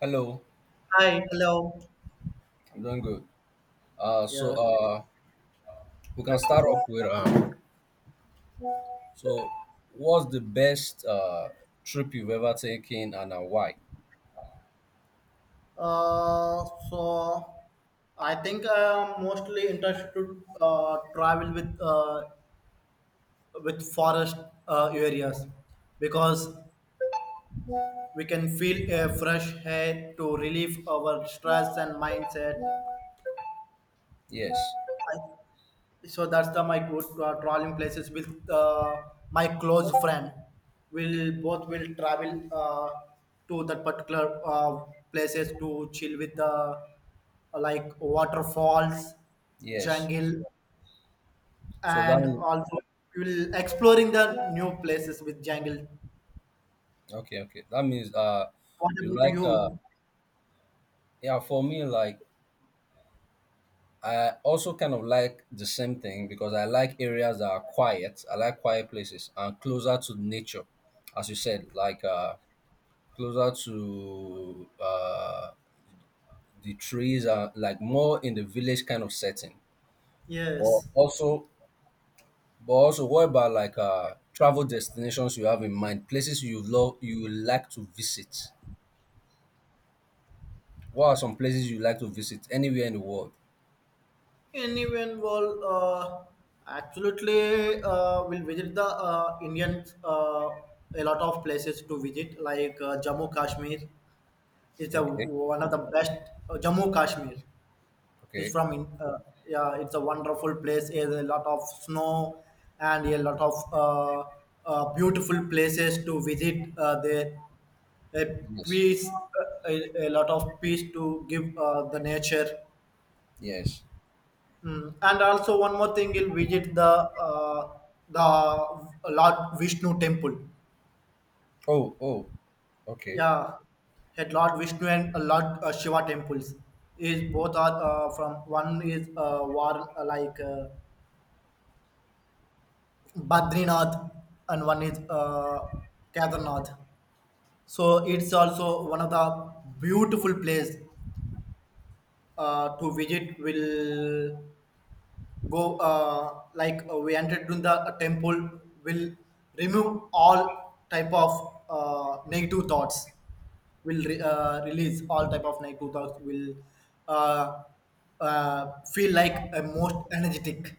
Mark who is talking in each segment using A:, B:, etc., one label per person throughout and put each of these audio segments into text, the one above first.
A: Hello,
B: Hi, hello.
A: I'm doing good. Uh, so
B: Yeah.
A: uh, we can start off with so what's the best trip you've ever taken and why?
B: So I think I'm mostly interested to travel with forest areas because we can feel a fresh air to relieve our stress and mindset.
A: Yes,
B: So that's the my good traveling places with my close friend, we'll both will travel to that particular places to chill with the like waterfalls,
A: yes.
B: jungle,
A: So that
B: and
A: mean-
B: also we will exploring the new places with jungle.
A: okay, okay. That means
B: What
A: you
B: about
A: like
B: you?
A: yeah. For me, like I also kind of like the same thing because I like areas that are quiet. I like quiet places and closer to nature, as you said, closer to the trees are like more in the village kind of setting. But
B: Yes.
A: also, but also, what about like travel destinations you have in mind? Places you love, you would like to visit. What are some places you like to visit anywhere in the world?
B: Anyone will absolutely will visit the Indian a lot of places to visit like Jammu Kashmir is the
A: Okay,
B: one of the best. Jammu Kashmir is
A: okay,
B: yeah, it's a wonderful place. There's a lot of snow and a lot of beautiful places to visit there. A
A: yes,
B: peace a lot of peace to give the nature.
A: yes.
B: And also one more thing, you'll visit the Lord Vishnu temple.
A: Oh, oh, okay.
B: Yeah, at Lord Vishnu and Lord Shiva temples. Is both are from, one is war like Badrinath and one is Kedarnath. So it's also one of the beautiful place to visit. Will go we entered in the temple, will remove all type of negative thoughts, will release all type of negative thoughts, will uh, feel like a most energetic.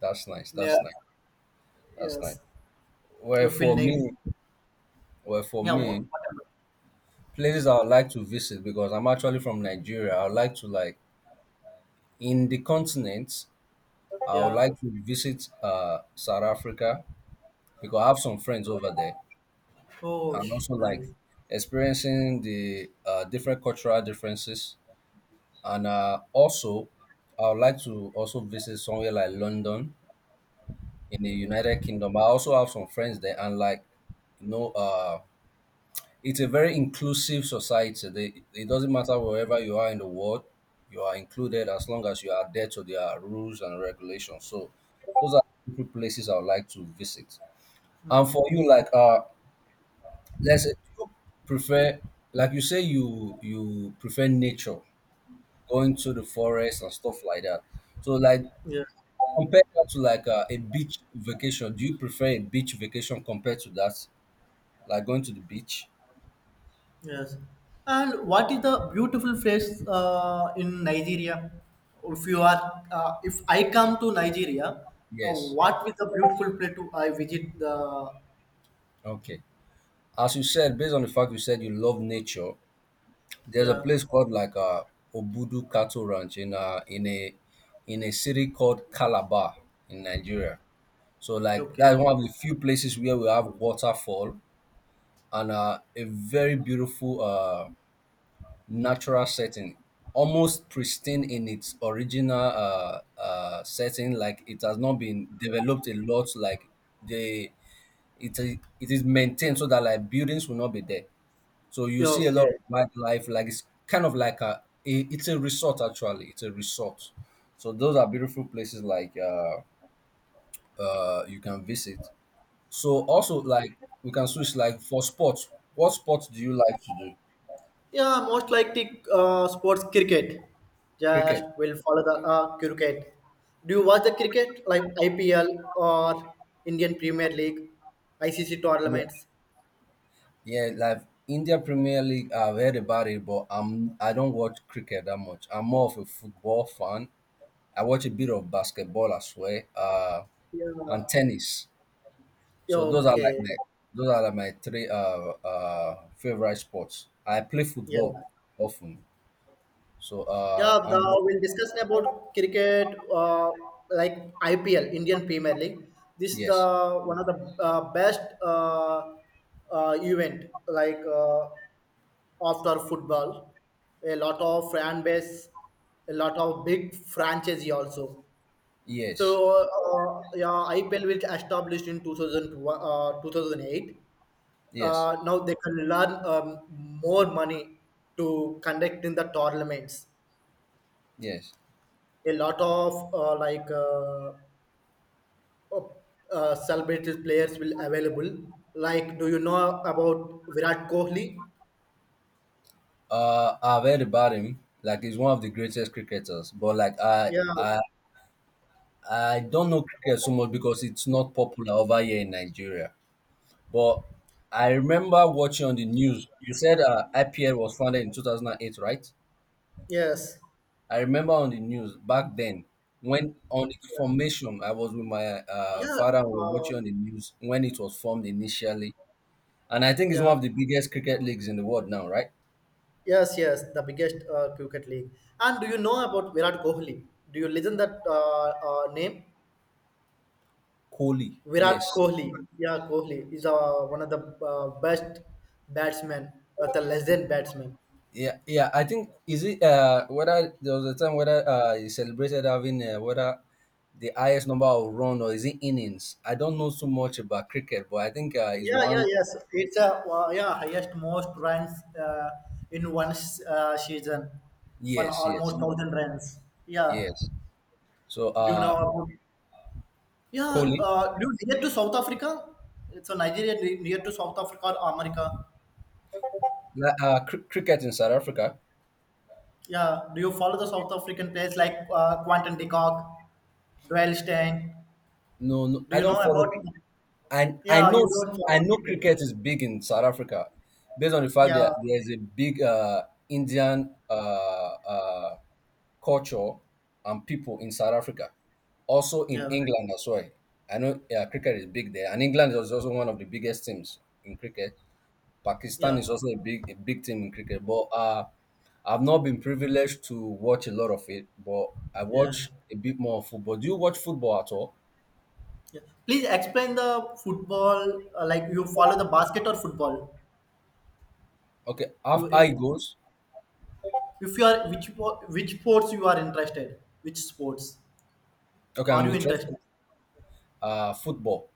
A: That's nice.
B: Yeah.
A: That's nice. That's
B: Yes.
A: nice. Well,
B: You feel
A: for
B: negative.
A: me, well, for
B: Yeah,
A: me,
B: whatever.
A: places I would like to visit because I'm actually from Nigeria. I would like to like in the continent. I would
B: Yeah.
A: like to visit South Africa because I have some friends over there,
B: oh
A: and
B: sh-
A: also like
B: nice.
A: experiencing the different cultural differences. And also, I would like to also visit somewhere like London in the United Kingdom. I also have some friends there, and like you know, uh, it's a very inclusive society. It doesn't matter wherever you are in the world, you are included as long as you are there to their rules and regulations. So, those are the places I would like to visit. And for you, let's say do you prefer, like you say, you prefer nature, going to the forest and stuff like that. So like
B: Yeah.
A: compare that to like a beach vacation. Do you prefer a beach vacation compared to that, like going to the beach?
B: Yes. And what is the beautiful place in Nigeria? If you are, if I come to Nigeria,
A: Yes.
B: what is the beautiful place to I visit? The
A: Okay. As you said, based on the fact you said you love nature, there's a
B: yeah,
A: place called Obudu Cattle Ranch in in a city called Calabar in Nigeria. So like that's
B: okay,
A: one of the few places where we have waterfall and a very beautiful natural setting, almost pristine in its original setting. Like it has not been developed a lot. They, it is maintained so that like buildings will not be there. So you
B: yeah,
A: see a lot of
B: okay,
A: wildlife. Like it's kind of like a it's a resort actually. It's a resort. So those are beautiful places you can visit. So also like we can switch like for sports. What sport do you like to do?
B: yeah. Most likely, sports cricket. Just
A: Cricket.
B: will follow the cricket. Do you watch the cricket like IPL or Indian Premier League, ICC
A: Yeah,
B: tournaments?
A: yeah. Like India Premier League, I've heard about it, but I don't watch cricket that much. I'm more of a football fan. I watch a bit of basketball as well,
B: Yeah,
A: and tennis.
B: yeah,
A: So those are like
B: okay,
A: my those are like my three favorite sports. I play football
B: yeah.
A: often. So
B: Yeah,
A: I'm
B: we'll discuss about cricket, like IPL, Indian Premier League. This is
A: yes,
B: the one of the best uh, event, like after football. A lot of fan base, a lot of big franchise also.
A: yes,
B: So yeah, IPL was established in 2000, 2008.
A: yes,
B: Now they can learn more money to conduct in the tournaments,
A: yes.
B: a lot of celebrated players will available. Like, do you know about Virat Kohli?
A: I've heard about him. Like he's one of the greatest cricketers. But like I
B: Yeah.
A: I I don't know cricket so much because it's not popular over here in Nigeria. But I remember watching on the news. You said IPL was founded in 2008, right?
B: Yes.
A: I remember on the news back then when on its formation, I was with my
B: Yeah.
A: father. We were watching
B: Um,
A: on the news when it was formed initially, and I think it's
B: yeah.
A: one of the biggest cricket leagues in the world now, right?
B: Yes. Yes. The biggest cricket league. And do you know about Virat Kohli? Do you listen that name?
A: Kohli,
B: Virat
A: yes.
B: Kohli. Yeah, Kohli is one of the best batsmen, the legend batsman.
A: Yeah, yeah. I think is it whether there was a time whether you celebrated having whether the highest number of run or is it innings? I don't know so much about cricket, but I think is
B: Yeah, yeah,
A: one.
B: yes. It's a yeah, highest most runs uh, in one season, one
A: Yes, yes,
B: almost thousand runs. Yeah,
A: yes. So
B: do you know
A: uh,
B: about it? Yeah,
A: Kohli,
B: do you near to South Africa? So Nigeria near to South Africa or America?
A: cricket in South Africa.
B: Yeah, do you follow the South African players like Quantum de Kock, Dwayne Steyn?
A: No, no,
B: Do
A: I
B: you know
A: don't follow.
B: about?
A: And
B: Yeah, you don't
A: I
B: follow
A: know
B: cricket.
A: cricket is big in South Africa, based on the fact
B: Yeah,
A: that there's a big Indian culture and people in South Africa, also in
B: yeah,
A: England as well. I know cricket is big there, and England is also one of the biggest teams in cricket. Pakistan
B: yeah,
A: is also a big team in cricket, but I've not been privileged to watch a lot of it, but I
B: yeah.
A: watch a bit more of football. Do you watch football at all?
B: Yeah. Please explain the football. Like you follow the basket or football?
A: Okay,
B: You,
A: have
B: it,
A: I goes.
B: if you are which which sports you are interested? Which sports
A: Okay,
B: are
A: I'm
B: you
A: interested.
B: interested?
A: Football.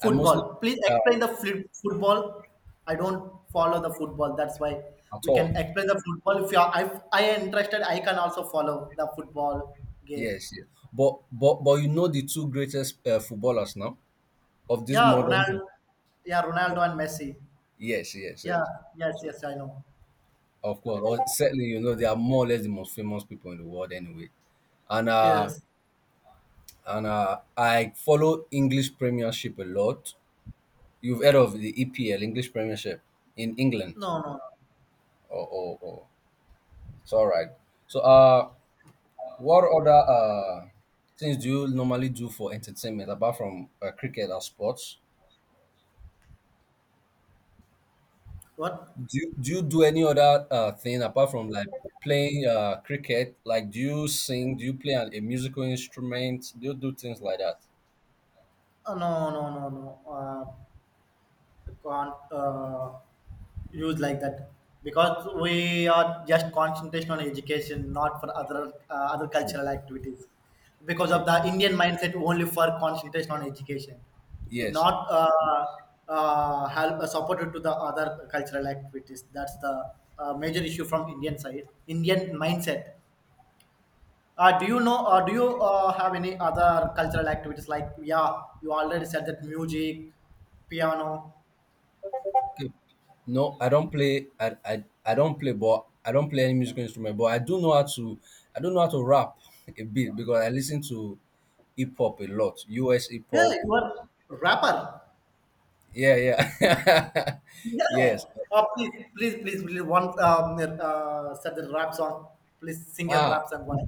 A: I mostly
B: Please
A: uh,
B: explain the football. I don't follow the football. That's why
A: at
B: we can
A: all.
B: explain the football. If you are, if I am interested, I can also follow the football game.
A: Yes, yes. But you know the two greatest footballers now of this
B: Yeah,
A: modern. Team.
B: Ronaldo. Yeah, Ronaldo and Messi.
A: Yes, yes,
B: Yeah.
A: yes.
B: Yes.
A: So
B: Yes. I know.
A: of course, or certainly you know they are more or less the most famous people in the world anyway. And uh
B: Yes.
A: and I follow English Premiership a lot. You've heard of the EPL, English Premiership in England,
B: No. No. No.
A: or it's all right. So uh What other things do you normally do for entertainment apart from cricket or sports?
B: What?
A: Do you do any other thing apart from like playing cricket? Like, do you sing? Do you play a musical instrument? Do you do things like that?
B: No. Can't use like that because we are just concentration on education, not for other other
A: True,
B: cultural activities. Because of
A: true.
B: the Indian mindset, only for concentration on education, it
A: Yes.
B: not help supported to the other cultural activities. That's the major issue from Indian side, Indian mindset. Do you know, or do you have any other cultural activities like, yeah, you already said that music, piano.
A: Okay. No, I don't play. I don't play, but I don't play any musical instrument. But I do know how to. I don't know how to rap a bit because I listen to hip hop a lot. US hip
B: Yeah,
A: hop,
B: you are rapper.
A: yeah, yeah.
B: Yes.
A: Yes.
B: Please, please, please, please, one said the rap song. Please sing a
A: Ah,
B: rap song. One.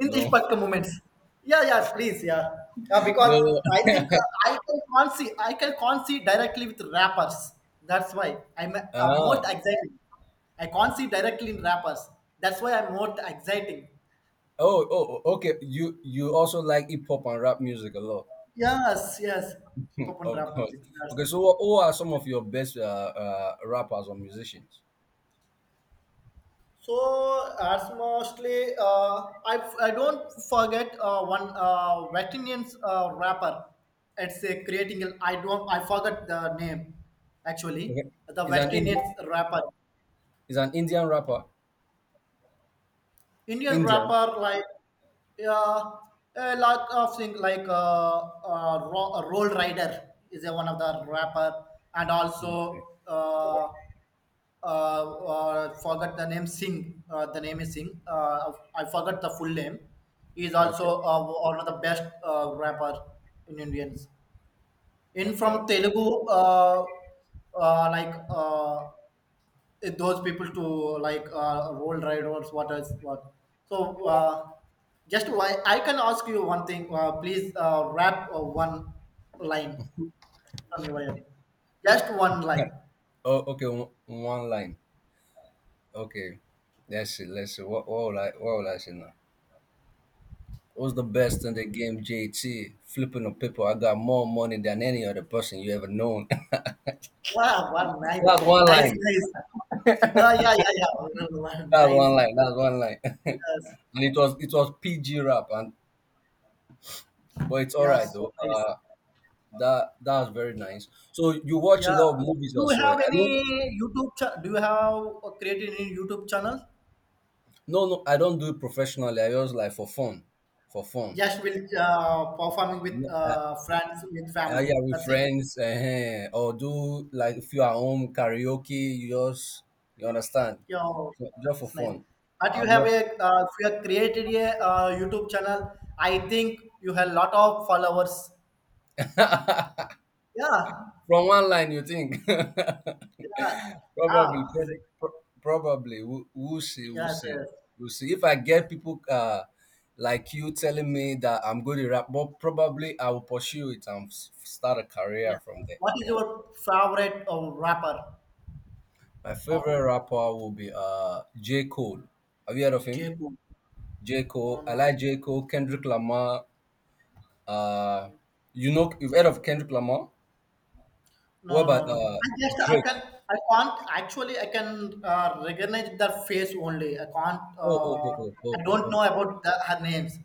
B: In these
A: no.
B: particular moments. Yeah, yeah, please, yeah, yeah.
A: No,
B: Because
A: no.
B: I think I can can't see directly with rappers. That's why I'm most
A: Ah.
B: exciting. I can't see directly in rappers. That's why I'm most exciting.
A: Oh, oh, oh, okay. You also like hip hop and rap music a lot.
B: Yes, yes, hip
A: Hmm,
B: hop and
A: of
B: rap
A: course.
B: music. That's
A: Okay, who are some of your best rappers or musicians?
B: so as mostly, I don't forget one Vetinian's rapper. It's a creating. I don't. I forgot the name. Actually,
A: Okay.
B: the
A: Is
B: West
A: an
B: Indian
A: Indian
B: rapper,
A: is an Indian rapper?
B: Indian
A: Indian.
B: rapper, like yeah, a lot of things like Roll Rider is a one of the rapper, and
A: Okay.
B: also uh, forgot the name Singh. The name is Singh. I forgot the full name. He is
A: Okay.
B: also one of the best rapper in Indians. In
A: Okay.
B: from
A: Okay.
B: Telugu, uh, like uh, those people to like roll riders, what is what. So just why I can ask you one thing. Please rap one line from your end. Just one line.
A: Oh, okay. One line. Okay. That's it. Let's see. What will I say now? What's the best in the game, JT? Flipping on people. I got more money than any other person you ever known.
B: Wow, wow, nice,
A: That's one
B: nice,
A: line.
B: nice. Ah, yeah, yeah, yeah. Nice.
A: That's one line.
B: Yes.
A: And it was PG rap, and but it's all
B: Yeah,
A: right though.
B: so nice.
A: That that's very nice. So you watch a
B: Yeah.
A: lot of movies
B: Do you
A: as well.
B: have
A: I
B: any
A: don't.
B: Do you have created any YouTube channel?
A: No, no, I don't do it professionally. I just like for fun, for fun.
B: Just will performing with
A: No,
B: friends with family.
A: yeah, with
B: That's it.
A: friends, or do like if you are home karaoke, you just you understand,
B: Yeah,
A: so just for
B: it's nice.
A: fun.
B: But you
A: I'm
B: have
A: not
B: a if you have created a YouTube channel, I think you have a lot of followers. Yeah,
A: from one line, you think?
B: yeah, yeah.
A: probably,
B: Yes,
A: prob- pro- probably. We'll see. We'll
B: yes.
A: see. We'll see. If I get people like you telling me that I'm good at rap, but probably I will pursue it and start a
B: Yeah.
A: career from there.
B: What is your favorite rapper?
A: My favorite
B: Oh,
A: rapper will be J. Cole. Have you heard of him?
B: Jaipur.
A: J.
B: Oh
A: Cole. I
B: no,
A: like J. Cole, Kendrick Lamar. Uh, you know, you've heard of Kendrick Lamar? What
B: no, no,
A: about
B: no.
A: Drake?
B: I can't actually, I can recognize their face only. I can't.
A: Oh, oh, oh,
B: I
A: oh, oh,
B: don't
A: oh,
B: know about the, her names,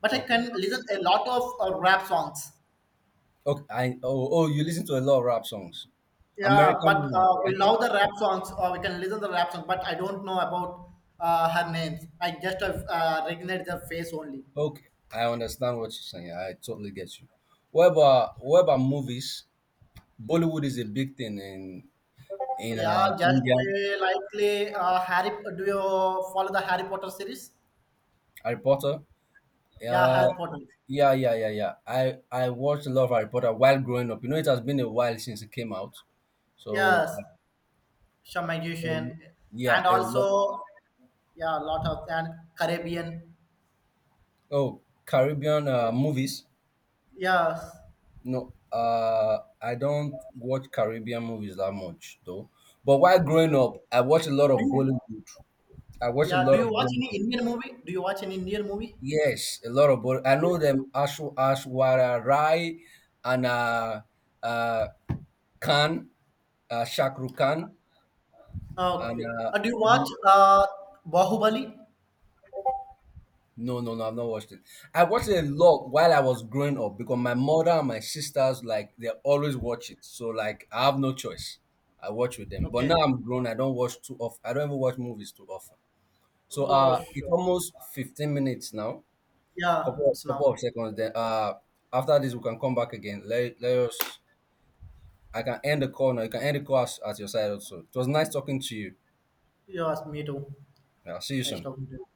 B: but
A: oh.
B: I
A: Okay.
B: can listen a lot of rap songs.
A: Okay, I oh oh you listen to a lot of rap songs,
B: Yeah,
A: American
B: but
A: ones, right?
B: we love the rap songs. Or we can listen the rap songs, but I don't know about her names. I just have recognize their face only.
A: Okay, I understand what you're saying. I totally get you. What about movies? Bollywood is a big thing in
B: Yeah, just
A: India.
B: we likely Harry. Do you follow the Harry Potter series?
A: Harry Potter.
B: Yeah,
A: Uh,
B: Harry Potter.
A: yeah, yeah, yeah, yeah. I watched a lot of Harry Potter while growing up. You know, it has been a while since it came out. So
B: Yes, some
A: uh, um,
B: migration
A: yeah,
B: and
A: a lot.
B: also yeah, a lot of and Caribbean.
A: Oh, Caribbean movies.
B: Yes.
A: No, I don't watch Caribbean movies that much though. But while growing up, I watched a lot
B: Do
A: of
B: you
A: Bollywood. I watched a
B: yeah, do
A: lot of
B: you watch any
A: Bollywood.
B: Indian movie? Do you watch any Indian movie?
A: Yes, a lot of Bollywood. I
B: Okay.
A: know them Ashwara Rai and uh, Khan, Shakru Khan,
B: Uh,
A: and uh,
B: do you watch
A: and
B: Bahubali?
A: no, no, no, I've not watched it. I watched it a lot while I was growing up because my mother and my sisters like they always watch it. So like I have no choice. I watch with them. But
B: Okay.
A: now I'm grown, I don't watch too often. I don't ever watch movies too often.
B: Oh
A: It's
B: sure.
A: almost 15 minutes now.
B: Yeah, it's
A: Couple
B: now.
A: of seconds then after this we can come back again. Let us I can end the call now. You can end the call at your side also. It was nice talking to you.
B: Yes, me too.
A: Yeah, I'll see you
B: Nice
A: soon.
B: talking to you.